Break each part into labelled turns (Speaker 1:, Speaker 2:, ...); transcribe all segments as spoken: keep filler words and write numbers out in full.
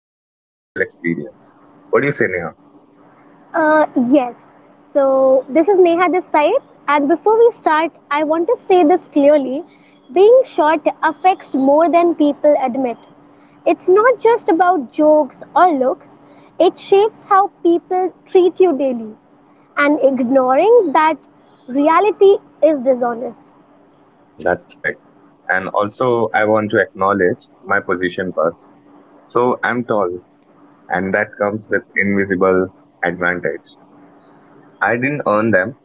Speaker 1: it's kind of a real experience. What do you say, Neha?
Speaker 2: Uh, yes. So this is Neha this side, and before we start, I want to say this clearly: being short affects more than people admit. It's not just about jokes or looks; it shapes how people treat you daily, and ignoring that reality is dishonest.
Speaker 1: That's correct. And also, I want to acknowledge my position first. So I'm tall, and that comes with invisible advantage. I didn't earn them.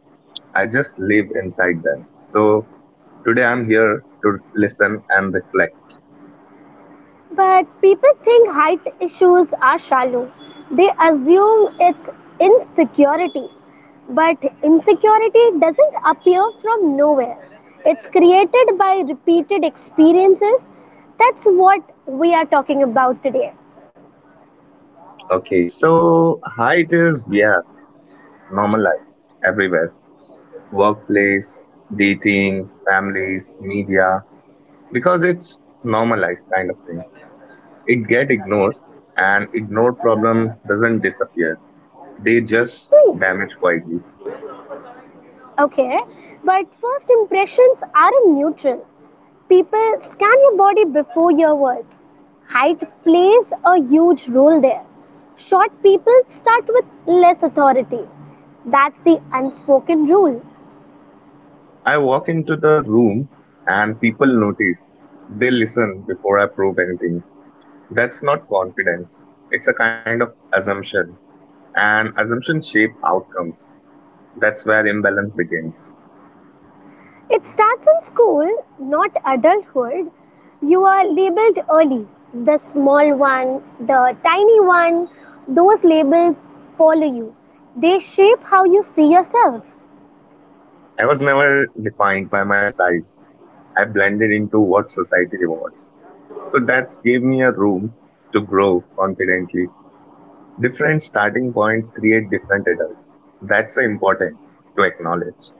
Speaker 1: I just live inside them. So today I'm here to listen and reflect.
Speaker 2: But people think height issues are shallow. They assume it's insecurity. But insecurity doesn't appear from nowhere. It's created by repeated experiences. That's what we are talking about today.
Speaker 1: Okay, so height is, yes, normalized everywhere. Workplace, dating, families, media, because it's normalized kind of thing. It get ignored and ignored problem doesn't disappear. They just
Speaker 2: Hmm,
Speaker 1: damage quietly.
Speaker 2: okay, but first impressions aren't neutral. People, scan your body before your words. Height plays a huge role there. Short people start with less authority. That's the unspoken rule.
Speaker 1: I walk into the room and people notice. They listen before I prove anything. That's not confidence. It's a kind of assumption, and assumptions shape outcomes. That's where imbalance begins.
Speaker 2: It starts in school, not adulthood. You are labeled early. The small one, the tiny one, those labels follow you. They shape how you see yourself.
Speaker 1: I was never defined by my size. I blended into what society rewards. So that gave me a room to grow confidently. Different starting points create different adults. That's important to acknowledge.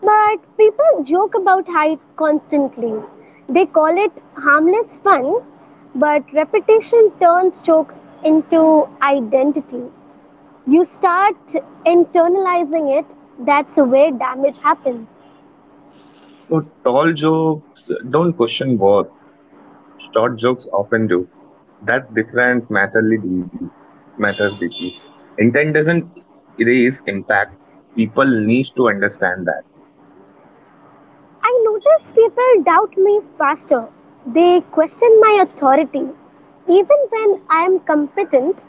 Speaker 2: But people joke about height constantly. They call it harmless fun, but repetition turns jokes into identity. You start internalizing it, that's where damage happens.
Speaker 1: So tall jokes don't question worth. Short jokes often do. That's different matterly deeply matters deeply. Intent doesn't erase impact. People need to understand that.
Speaker 2: I notice people doubt me faster. They question my authority. Even when I am competent,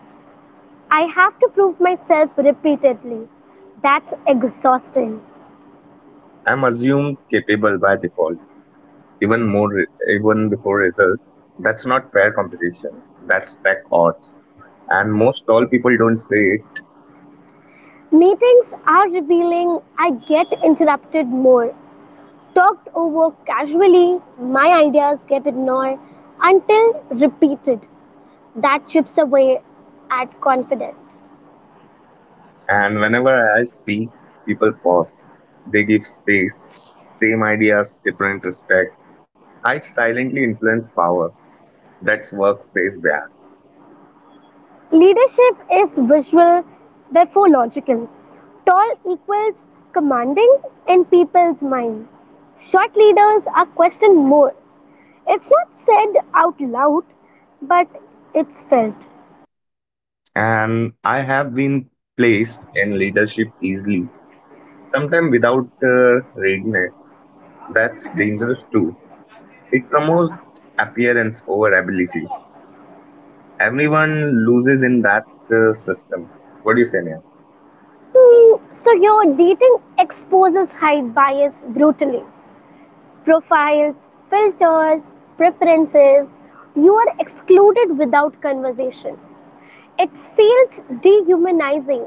Speaker 2: I have to prove myself repeatedly. That's exhausting.
Speaker 1: I'm assumed capable by default, even more even before results. That's not fair competition. That's tech odds. And most tall people don't say it.
Speaker 2: Meetings are revealing, I get interrupted more. Talked over casually, my ideas get ignored until repeated. That chips away at confidence.
Speaker 1: And whenever I speak, people pause. They give space. Same ideas, different respect. I silently influence power. That's workspace bias.
Speaker 2: Leadership is visual, therefore logical. Tall equals commanding in people's mind. Short leaders are questioned more. It's not said out loud, but it's felt.
Speaker 1: And I have been placed in leadership easily, sometimes without uh, readiness. That's dangerous too. It promotes appearance over ability. Everyone loses in that uh, system. What do you say, Nia?
Speaker 2: Hmm, so your dating exposes height bias brutally. Profiles, filters, preferences. You are excluded without conversation. It feels dehumanizing,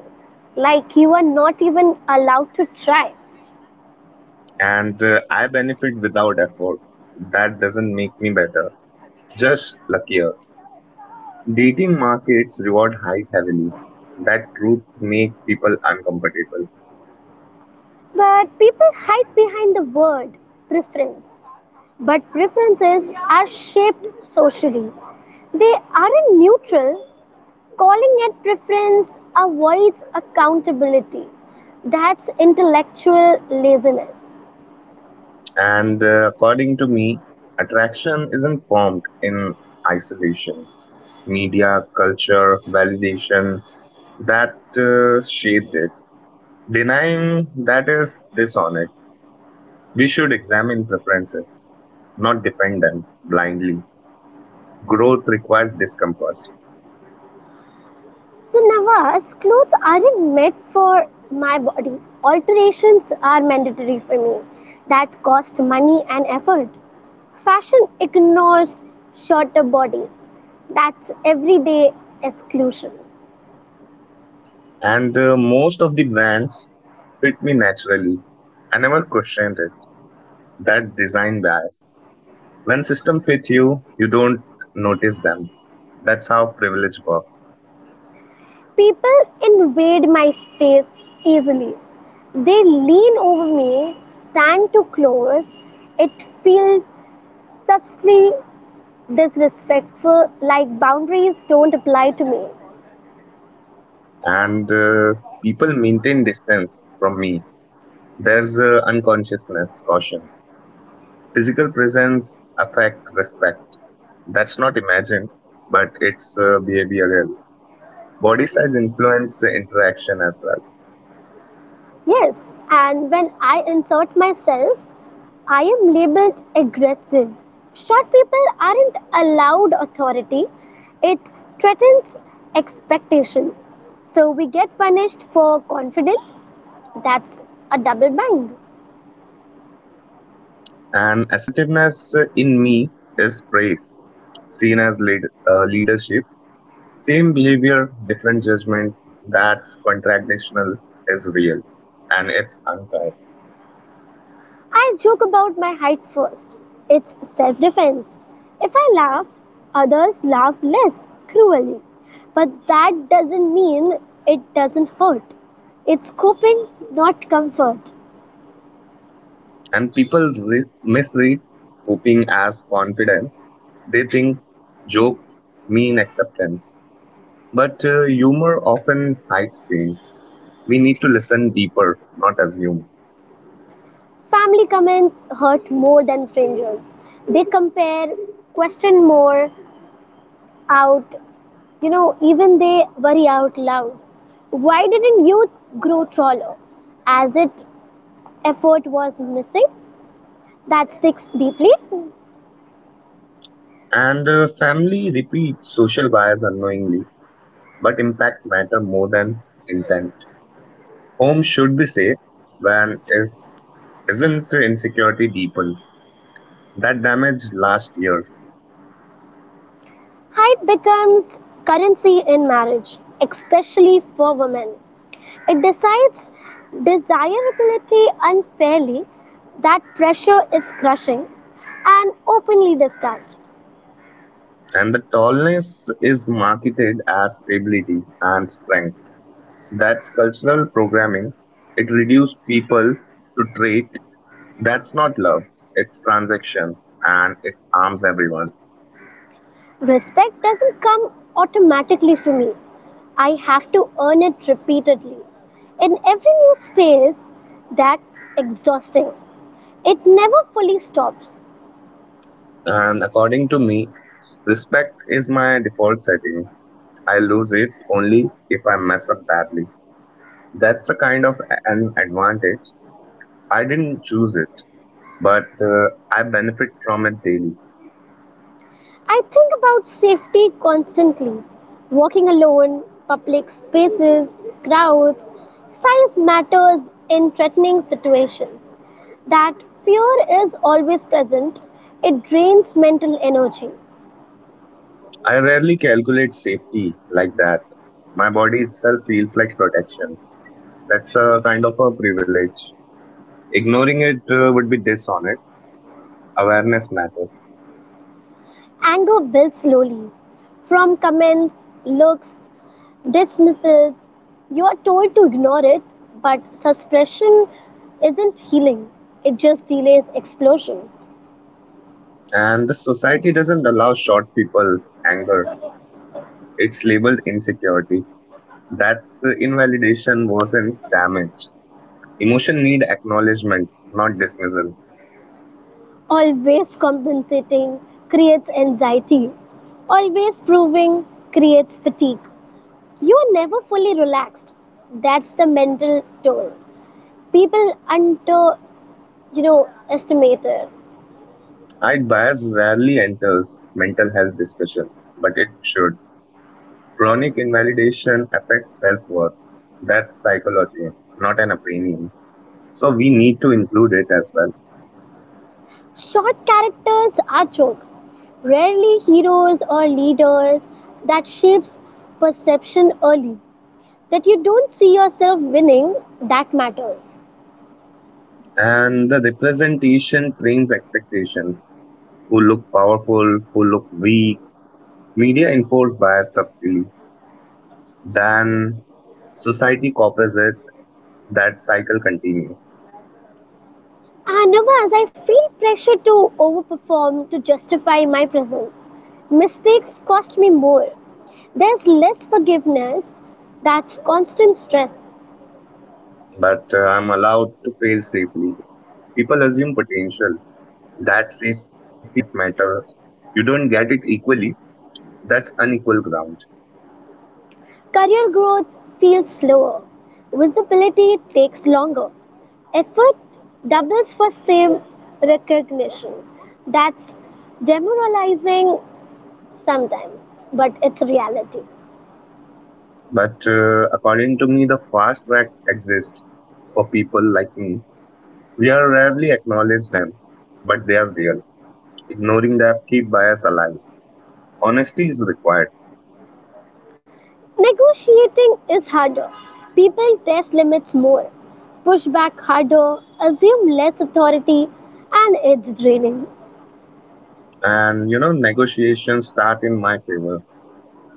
Speaker 2: like you are not even allowed to try.
Speaker 1: And uh, I benefit without effort. That doesn't make me better, just luckier. Dating markets reward height heavily. That truth makes people uncomfortable.
Speaker 2: But people hide behind the word preference. But preferences are shaped socially. They aren't neutral. Calling it preference avoids accountability. That's intellectual laziness.
Speaker 1: And uh, According to me, attraction isn't formed in isolation. Media, culture, validation that uh, shaped it. Denying that is dishonest. We should examine preferences, not depend them blindly. Growth requires discomfort.
Speaker 2: So, Nawaz, clothes aren't made for my body. Alterations are mandatory for me. That cost money and effort. Fashion ignores shorter bodies. That's everyday exclusion.
Speaker 1: And uh, Most of the brands fit me naturally. I never questioned it. That design bias. When system fit you, you don't notice them. That's how privilege works.
Speaker 2: People invade my space easily. They lean over me, stand too close. It feels subtly disrespectful, like boundaries don't apply to me.
Speaker 1: And uh, People maintain distance from me. There's uh, unconsciousness caution. Physical presence affect respect. That's not imagined, but it's uh, behavioral. Body size influence uh, interaction as well.
Speaker 2: Yes, and when I insert myself, I am labeled aggressive. Short people aren't allowed authority, it threatens expectation. So we get punished for confidence. That's a double bind.
Speaker 1: And assertiveness uh, in me is praised, seen as lead, uh, leadership. Same behavior, different judgment. That's contradictional is real, and it's unfair.
Speaker 2: I'll joke about my height first. It's self defense. If I laugh, others laugh less cruelly. But that doesn't mean it doesn't hurt. It's coping, not comfort.
Speaker 1: And people re- misread coping as confidence. They think joke mean acceptance. But uh, humor often hides pain. We need to listen deeper, not assume.
Speaker 2: Family comments hurt more than strangers. They compare, question more, out, you know, even they worry out loud. Why didn't you grow taller? As if effort was missing, that sticks deeply.
Speaker 1: And uh, Family repeats social bias unknowingly, but impact matter more than intent. Home should be safe when is isn't insecurity deepens. That damage lasts years.
Speaker 2: Height becomes currency in marriage, especially for women. It decides desirability unfairly, that pressure is crushing and openly discussed.
Speaker 1: And the tallness is marketed as stability and strength. That's cultural programming. It reduces people to trait that's not love, it's transaction, and it harms everyone.
Speaker 2: Respect doesn't come automatically for me. I have to earn it repeatedly. In every new space, that's exhausting. It never fully stops.
Speaker 1: And according to me, respect is my default setting. I lose it only if I mess up badly. That's a kind of a- an advantage. I didn't choose it, but uh, I benefit from it daily.
Speaker 2: I think about safety constantly. Walking alone, public spaces, crowds, size matters in threatening situations. That fear is always present. It drains mental energy.
Speaker 1: I rarely calculate safety like that. My body itself feels like protection. That's a kind of a privilege. Ignoring it uh, would be dishonest. Awareness matters.
Speaker 2: Anger builds slowly. From comments, looks, dismissals, you are told to ignore it, but suppression isn't healing. It just delays explosion.
Speaker 1: And the society doesn't allow short people anger. It's labeled insecurity. That's uh, invalidation worsens damage. Emotion need acknowledgement, not dismissal.
Speaker 2: Always compensating creates anxiety. Always proving creates fatigue. You are never fully relaxed. That's the mental toll. People under, you know, estimate it.
Speaker 1: I'd bias rarely enters mental health discussion, but it should. Chronic invalidation affects self-worth. That's psychology, not an opinion. So we need to include it as well.
Speaker 2: Short characters are jokes, rarely heroes or leaders. That shapes perception early. That you don't see yourself winning, that matters.
Speaker 1: And the representation trains expectations who look powerful, who look weak. Media enforce bias subtly. Then society copies it. That cycle continues.
Speaker 2: And as I feel pressure to overperform to justify my presence. Mistakes cost me more. There's less forgiveness, that's constant stress.
Speaker 1: But uh, I'm allowed to fail safely. People assume potential. That safety net matters. You don't get it equally. That's unequal ground.
Speaker 2: Career growth feels slower. Visibility takes longer. Effort doubles for same recognition. That's demoralizing sometimes, but it's reality.
Speaker 1: But uh, according to me, the fast tracks exist for people like me. We are rarely acknowledge them, but they are real. Ignoring them keep bias alive. Honesty is required.
Speaker 2: Negotiating is harder. People test limits more, push back harder, assume less authority, and it's draining.
Speaker 1: And you know negotiations start in my favor,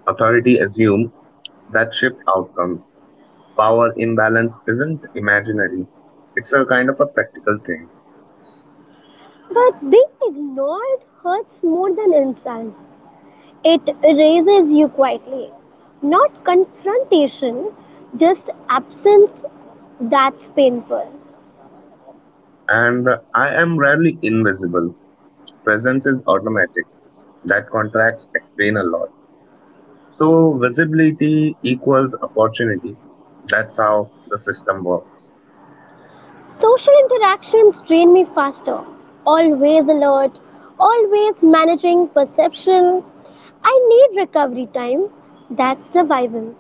Speaker 1: authority assume, that shift outcomes, power imbalance isn't imaginary, it's a kind of a practical thing.
Speaker 2: But being ignored hurts more than insults. It erases you quietly. Not confrontation, just absence that's painful.
Speaker 1: And I am rarely invisible, presence is automatic, that contracts explain a lot. So visibility equals opportunity. That's how the system works.
Speaker 2: Social interactions drain me faster. Always alert, always managing perception. I need recovery time. That's survival.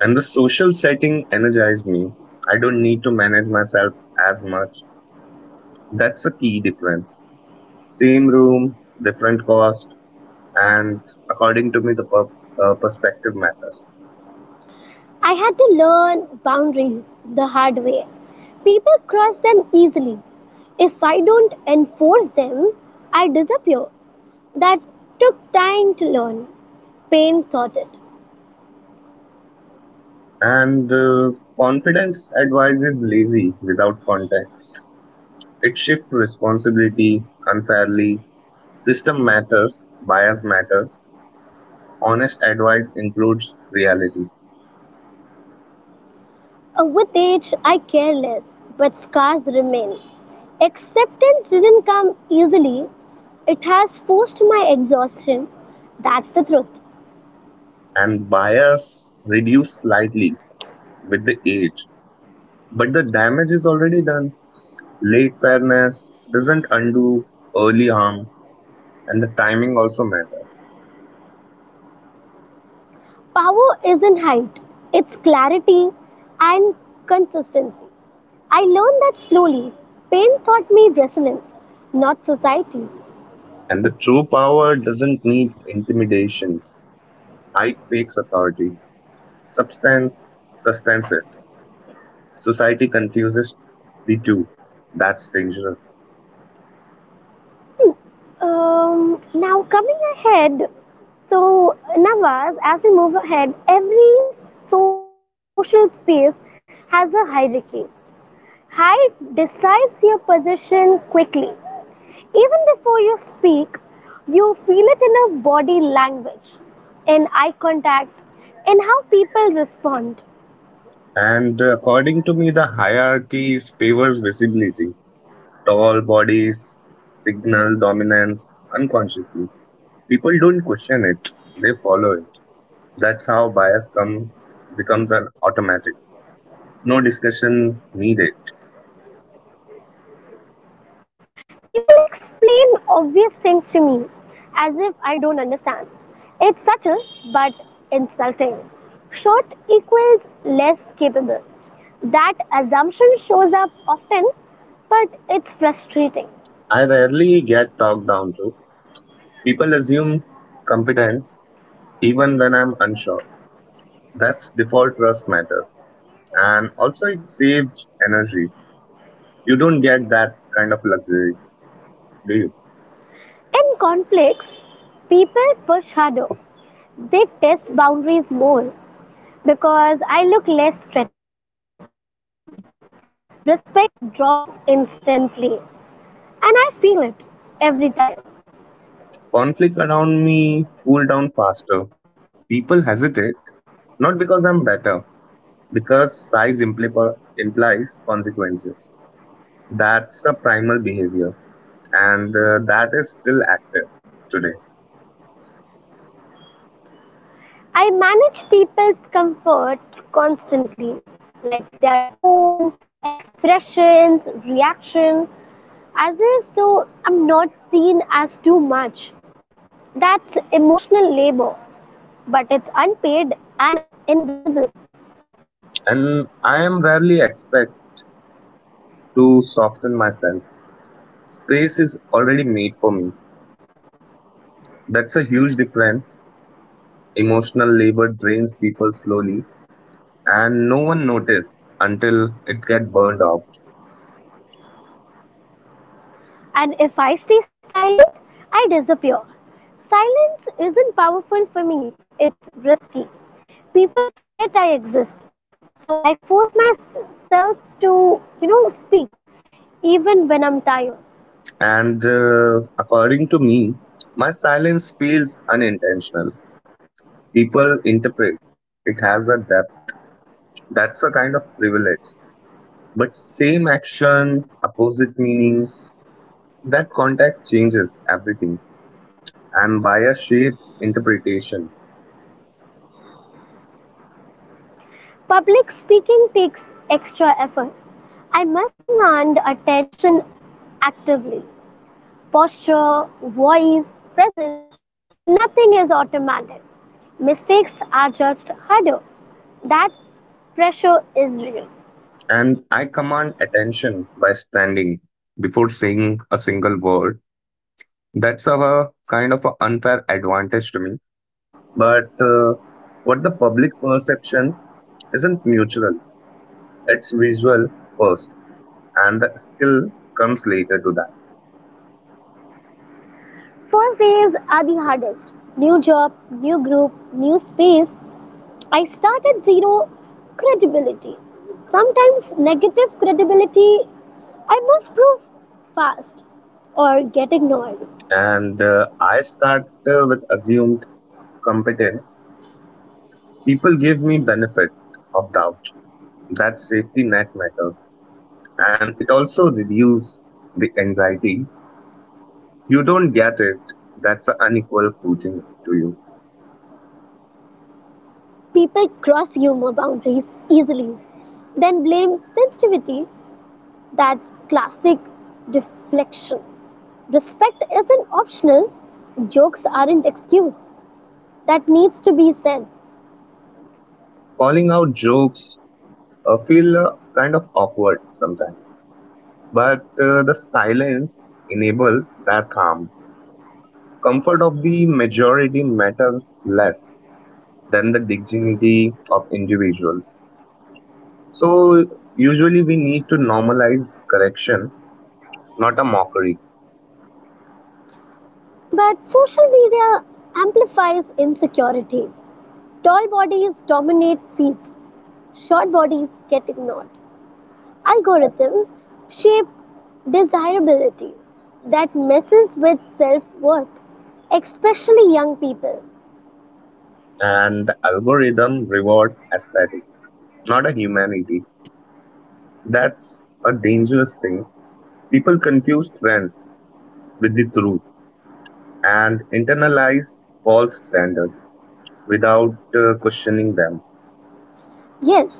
Speaker 1: And the social setting energizes me. I don't need to manage myself as much. That's a key difference. Same room, different cost, and according to me, the per- uh, perspective matters.
Speaker 2: I had to learn boundaries the hard way. People cross them easily. If I don't enforce them, I disappear. That took time to learn. Pain taught it.
Speaker 1: And uh, Confidence advice is lazy without context. It shifts responsibility unfairly. System matters, bias matters. Honest advice includes reality,
Speaker 2: Uh, with age, I care less, but scars remain. Acceptance didn't come easily, it has forced my exhaustion. That's the truth.
Speaker 1: and bias reduce slightly with the age, but the damage is already done. Late fairness doesn't undo early harm, and the timing also matters.
Speaker 2: Power isn't height, it's clarity and consistency. I learned that slowly. Pain taught me resilience, not society.
Speaker 1: And the true power doesn't need intimidation, height fakes authority, substance sustains it. Society confuses the two. That's dangerous.
Speaker 2: Um, now, coming ahead, so Navas, as we move ahead, every social space has a hierarchy. Height decides your position quickly. Even before you speak, you feel it in your body language, in eye contact, in how people respond.
Speaker 1: And uh, According to me, the hierarchy is- favors visibility. Tall bodies signal dominance unconsciously. People don't question it; they follow it. That's how bias come becomes an automatic. No discussion needed.
Speaker 2: People explain obvious things to me as if I don't understand. It's subtle but insulting. Short equals less capable. That assumption shows up often, but it's frustrating.
Speaker 1: I rarely get talked down to. People assume competence even when I'm unsure. That's default trust matters. And also it saves energy. You don't get that kind of luxury, do you?
Speaker 2: In conflicts, people push harder. They test boundaries more because I look less threatening. Respect drops instantly, and I feel it every time.
Speaker 1: Conflict around me cool down faster. People hesitate, not because I'm better, because size impli- implies consequences. That's a primal behavior. And uh, That is still active today.
Speaker 2: I manage people's comfort constantly, like their tone, expressions, reaction, as if so I'm not seen as too much. That's emotional labor, but it's unpaid and invisible.
Speaker 1: And I am rarely expect to soften myself. Space is already made for me. That's a huge difference. Emotional labor drains people slowly, and no one notice until it get burned out.
Speaker 2: And if I stay silent, I disappear. Silence isn't powerful for me, it's risky. People forget I exist. So I force myself to, you know, speak even when I'm tired.
Speaker 1: And uh, According to me, my silence feels unintentional. People interpret it has a depth. That's a kind of privilege. But same action, opposite meaning, that context changes everything and bias shapes interpretation.
Speaker 2: Public speaking takes extra effort. I must command attention actively. Posture, voice, presence, nothing is automatic. Mistakes are judged harder. That pressure is real.
Speaker 1: And I command attention by standing before saying a single word. That's a kind of a unfair advantage to me. But uh, what the public perception isn't mutual, it's visual first, and the skill comes later to that.
Speaker 2: First days are the hardest. New job, new group, new space. I start at zero credibility. Sometimes negative credibility. I must prove fast or get ignored.
Speaker 1: And uh, I start uh, with assumed competence. People give me benefit of doubt. That safety net matters, and it also reduces the anxiety. You don't get it. That's an unequal footing to you.
Speaker 2: People cross humor boundaries easily, then blame sensitivity. That's classic deflection. Respect isn't optional, jokes aren't excuse. That needs to be said.
Speaker 1: Calling out jokes uh, feel uh, kind of awkward sometimes, but uh, the silence enable that harm. Comfort of the majority matters less than the dignity of individuals. So usually we need to normalize correction, not a mockery.
Speaker 2: But social media amplifies insecurity. Tall bodies dominate feeds, short bodies get ignored. Algorithms shape desirability that messes with self worth, especially young people.
Speaker 1: And the algorithm reward aesthetic, not a humanity. That's a dangerous thing. People confuse trends with the truth and internalize false standards without uh, questioning them.
Speaker 2: Yes,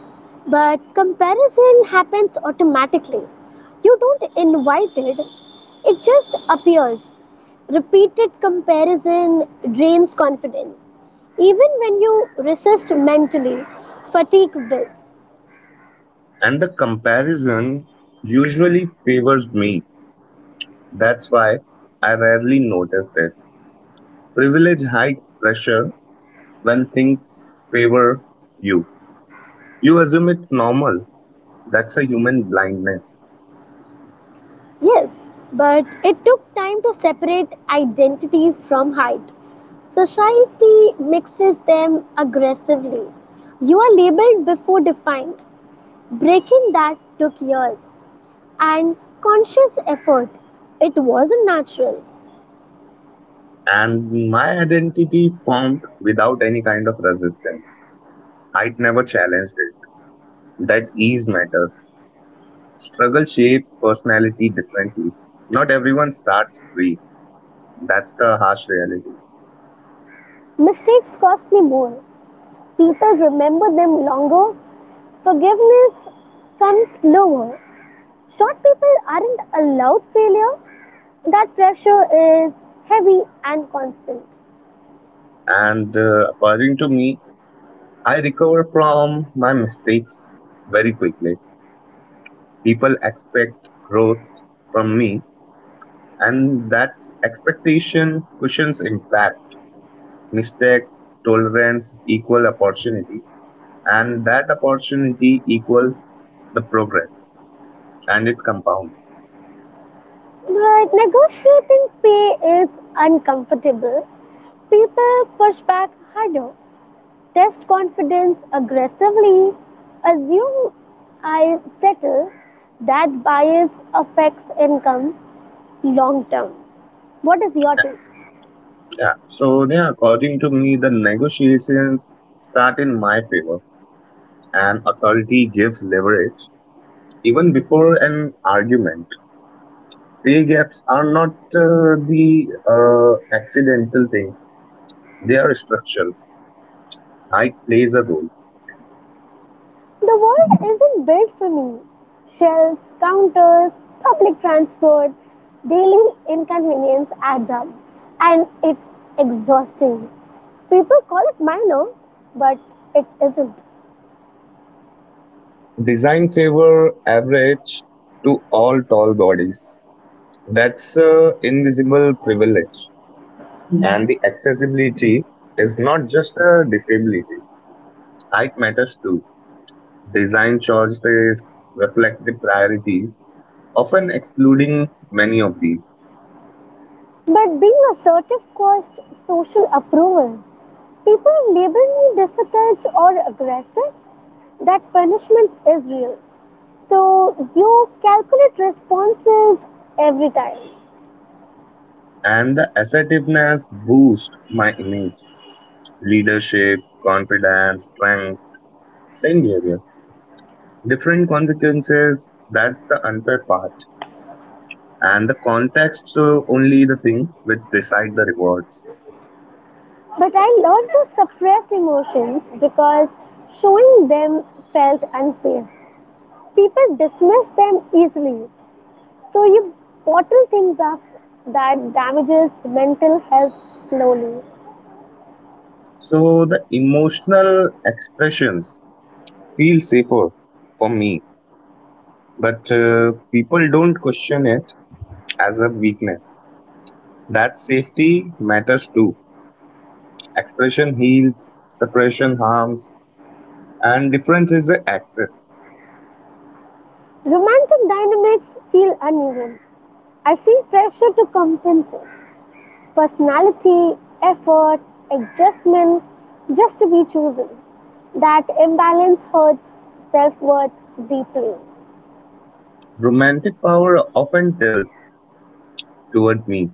Speaker 2: but comparison happens automatically. You don't invite it, it just appears. Repeated comparison drains confidence. Even when you resist mentally, fatigue builds.
Speaker 1: And the comparison usually favors me. That's why I rarely noticed it. Privilege hides pressure when things favor you. You assume it's normal. That's a human blindness.
Speaker 2: Yes, but it took time to separate identity from height. Society mixes them aggressively. You are labeled before defined. Breaking that took years and conscious effort. It wasn't natural.
Speaker 1: And my identity formed without any kind of resistance. I'd never challenged it. That ease matters. Struggle shape personality differently. Not everyone starts free. That's the harsh reality.
Speaker 2: Mistakes cost me more. People remember them longer. Forgiveness comes slower. Short people aren't allowed failure. That pressure is heavy and constant.
Speaker 1: And uh, According to me, I recover from my mistakes very quickly. People expect growth from me, and that expectation cushions impact. Mistake, tolerance equal opportunity, and that opportunity equal the progress, and it compounds.
Speaker 2: But negotiating pay is uncomfortable. People push back harder. Test confidence aggressively, assume I settle, that bias affects income long term. What is your take?
Speaker 1: Yeah. So yeah, according to me, the negotiations start in my favor, and authority gives leverage even before an argument. Pay gaps are not uh, the uh, accidental thing, they are structural. Height plays a role.
Speaker 2: The world isn't built for me. Shelves, counters, public transport, daily inconvenience adds up, and it's exhausting. People call it minor, but it isn't.
Speaker 1: Design favor average to all tall bodies. That's uh, invisible privilege. Yeah. And the accessibility is not just a disability. Height matters too. Design choices reflect the priorities, often excluding many of these.
Speaker 2: But being assertive costs social approval. People label me difficult or aggressive. That punishment is real. So you calculate responses every time.
Speaker 1: And the assertiveness boosts my image: leadership, confidence, strength, same behavior. Different consequences, that's the unfair part. And the context so only the thing which decide the rewards.
Speaker 2: But I learned to suppress emotions because showing them felt unsafe. People dismiss them easily. So you bottle things up that damages mental health slowly.
Speaker 1: So the emotional expressions feel safer for me, but uh, people don't question it as a weakness. That safety matters too. Expression heals, suppression harms, and difference is the access.
Speaker 2: Romantic dynamics feel uneven. I feel pressure to compensate. Personality, effort, adjustment just to be chosen. That imbalance hurts self worth deeply.
Speaker 1: Romantic power often tilts toward me.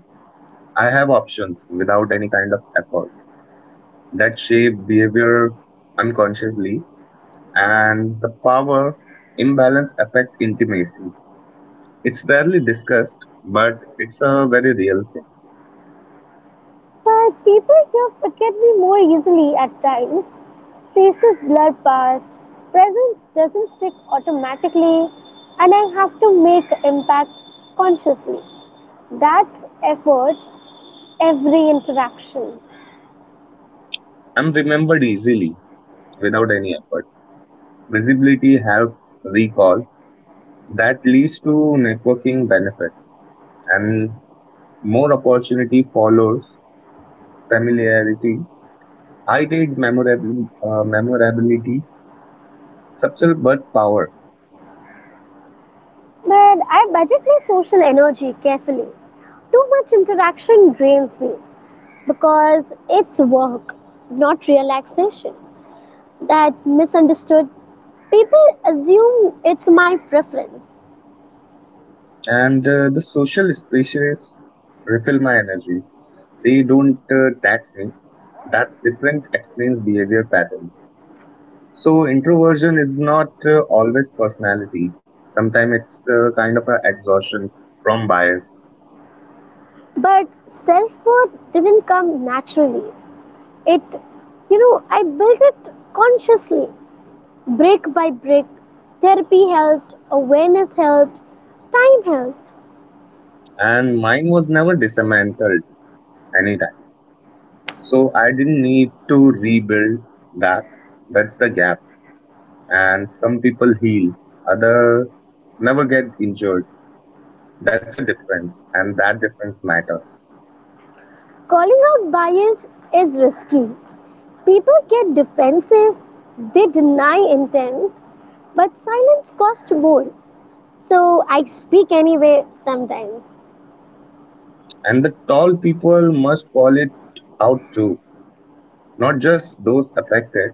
Speaker 1: I have options without any kind of effort, that shape behavior unconsciously, and the power imbalance affect intimacy. It's rarely discussed, but it's a very real thing.
Speaker 2: But people here forget me more easily at times. Faces blur past, presence doesn't stick automatically, and I have to make impact consciously. That's effort, every interaction.
Speaker 1: I'm remembered easily without any effort. Visibility helps recall, that leads to networking benefits, and more opportunity follows familiarity. High date memorability, uh, memorability subtle but power.
Speaker 2: But I budget my social energy carefully. Too much interaction drains me. Because it's work, not relaxation. That's misunderstood. People assume it's my preference,
Speaker 1: And uh, The social spaces refill my energy. They don't uh, tax me. That's different explains behavior patterns. So introversion is not uh, always personality. Sometimes it's uh, kind of a exhaustion from bias.
Speaker 2: but self worth didn't come naturally. It, you know, I built it consciously, brick by brick. Therapy helped, awareness helped, time helped.
Speaker 1: And mine was never dismantled anytime. So I didn't need to rebuild that. That's the gap. And some people heal, other never get injured. That's a difference, and that difference matters.
Speaker 2: Calling out bias is risky. People get defensive, they deny intent, but silence costs more. So I speak anyway sometimes.
Speaker 1: And the tall people must call it out too, not just those affected.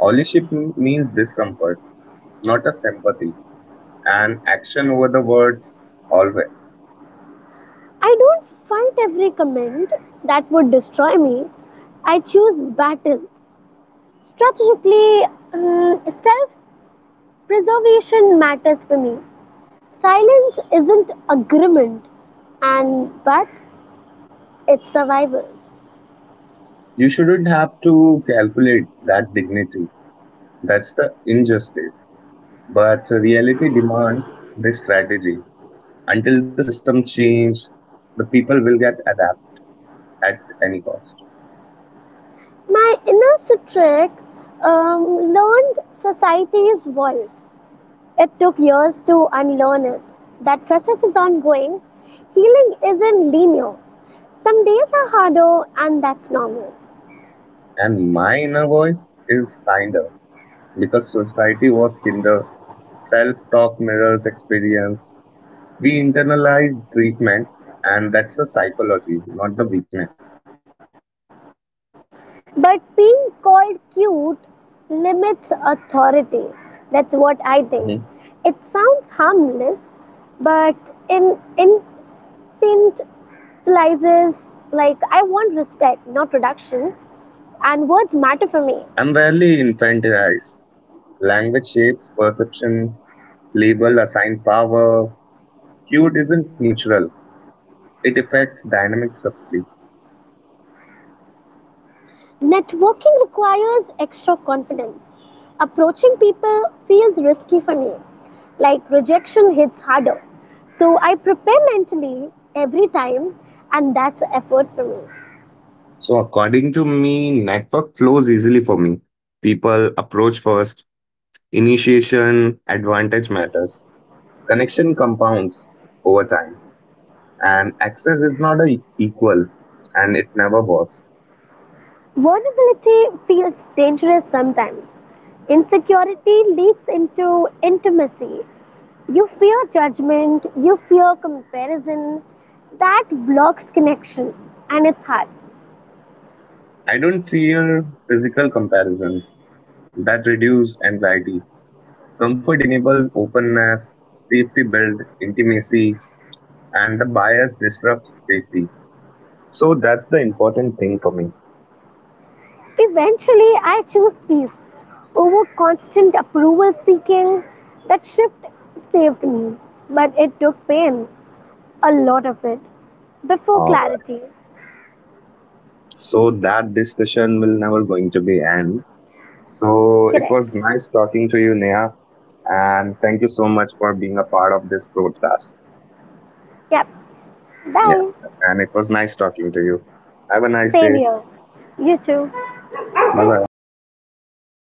Speaker 1: Ownership m- means discomfort, not a sympathy, and action over the words always.
Speaker 2: I don't fight every comment that would destroy me. I choose battle. Strategically, um, self preservation matters for me. Silence isn't agreement, and but it's survival.
Speaker 1: You shouldn't have to calculate that dignity. That's the injustice. But reality demands this strategy. Until the system change, the people will get adapt at any cost.
Speaker 2: My inner citric um, learned society's voice. It took years to unlearn it. That process is ongoing. Healing isn't linear. Some days are harder, and that's normal.
Speaker 1: And my inner voice is kinder because society was kinder, self-talk mirrors experience. We internalize treatment, and that's a psychology, not the weakness.
Speaker 2: But being called cute limits authority. That's what I think.
Speaker 1: Mhm.
Speaker 2: It sounds harmless, but in infantilizes like I want respect, not reduction. And words matter for me.
Speaker 1: I'm rarely infantilized. Language shapes perceptions, label assigned power. Cute isn't neutral. It affects dynamics subtly.
Speaker 2: Networking requires extra confidence. Approaching people feels risky for me, like rejection hits harder. So I prepare mentally every time, and that's an effort for me.
Speaker 1: So according to me, network flows easily for me. People approach first. Initiation, advantage matters. Connection compounds over time. And access is not a equal, and it never was.
Speaker 2: Vulnerability feels dangerous sometimes. Insecurity leaks into intimacy. You fear judgment, you fear comparison. That blocks connection, and it's hard.
Speaker 1: I don't fear physical comparison, that reduce anxiety. Comfort enables openness, safety builds intimacy, and the bias disrupts safety. So that's the important thing for me.
Speaker 2: Eventually, I chose peace over constant approval seeking. That shift saved me, but it took pain, a lot of it, before
Speaker 1: uh,
Speaker 2: clarity.
Speaker 1: so that discussion will never going to be end. So it
Speaker 2: Correct.
Speaker 1: was nice talking to you, Neha, and thank you so much for being a part of this broadcast.
Speaker 2: Yep.
Speaker 1: Yeah.
Speaker 2: Bye.
Speaker 1: And it was nice talking to you. Have a nice
Speaker 2: Same
Speaker 1: day.
Speaker 2: here. You too.
Speaker 1: Bye bye.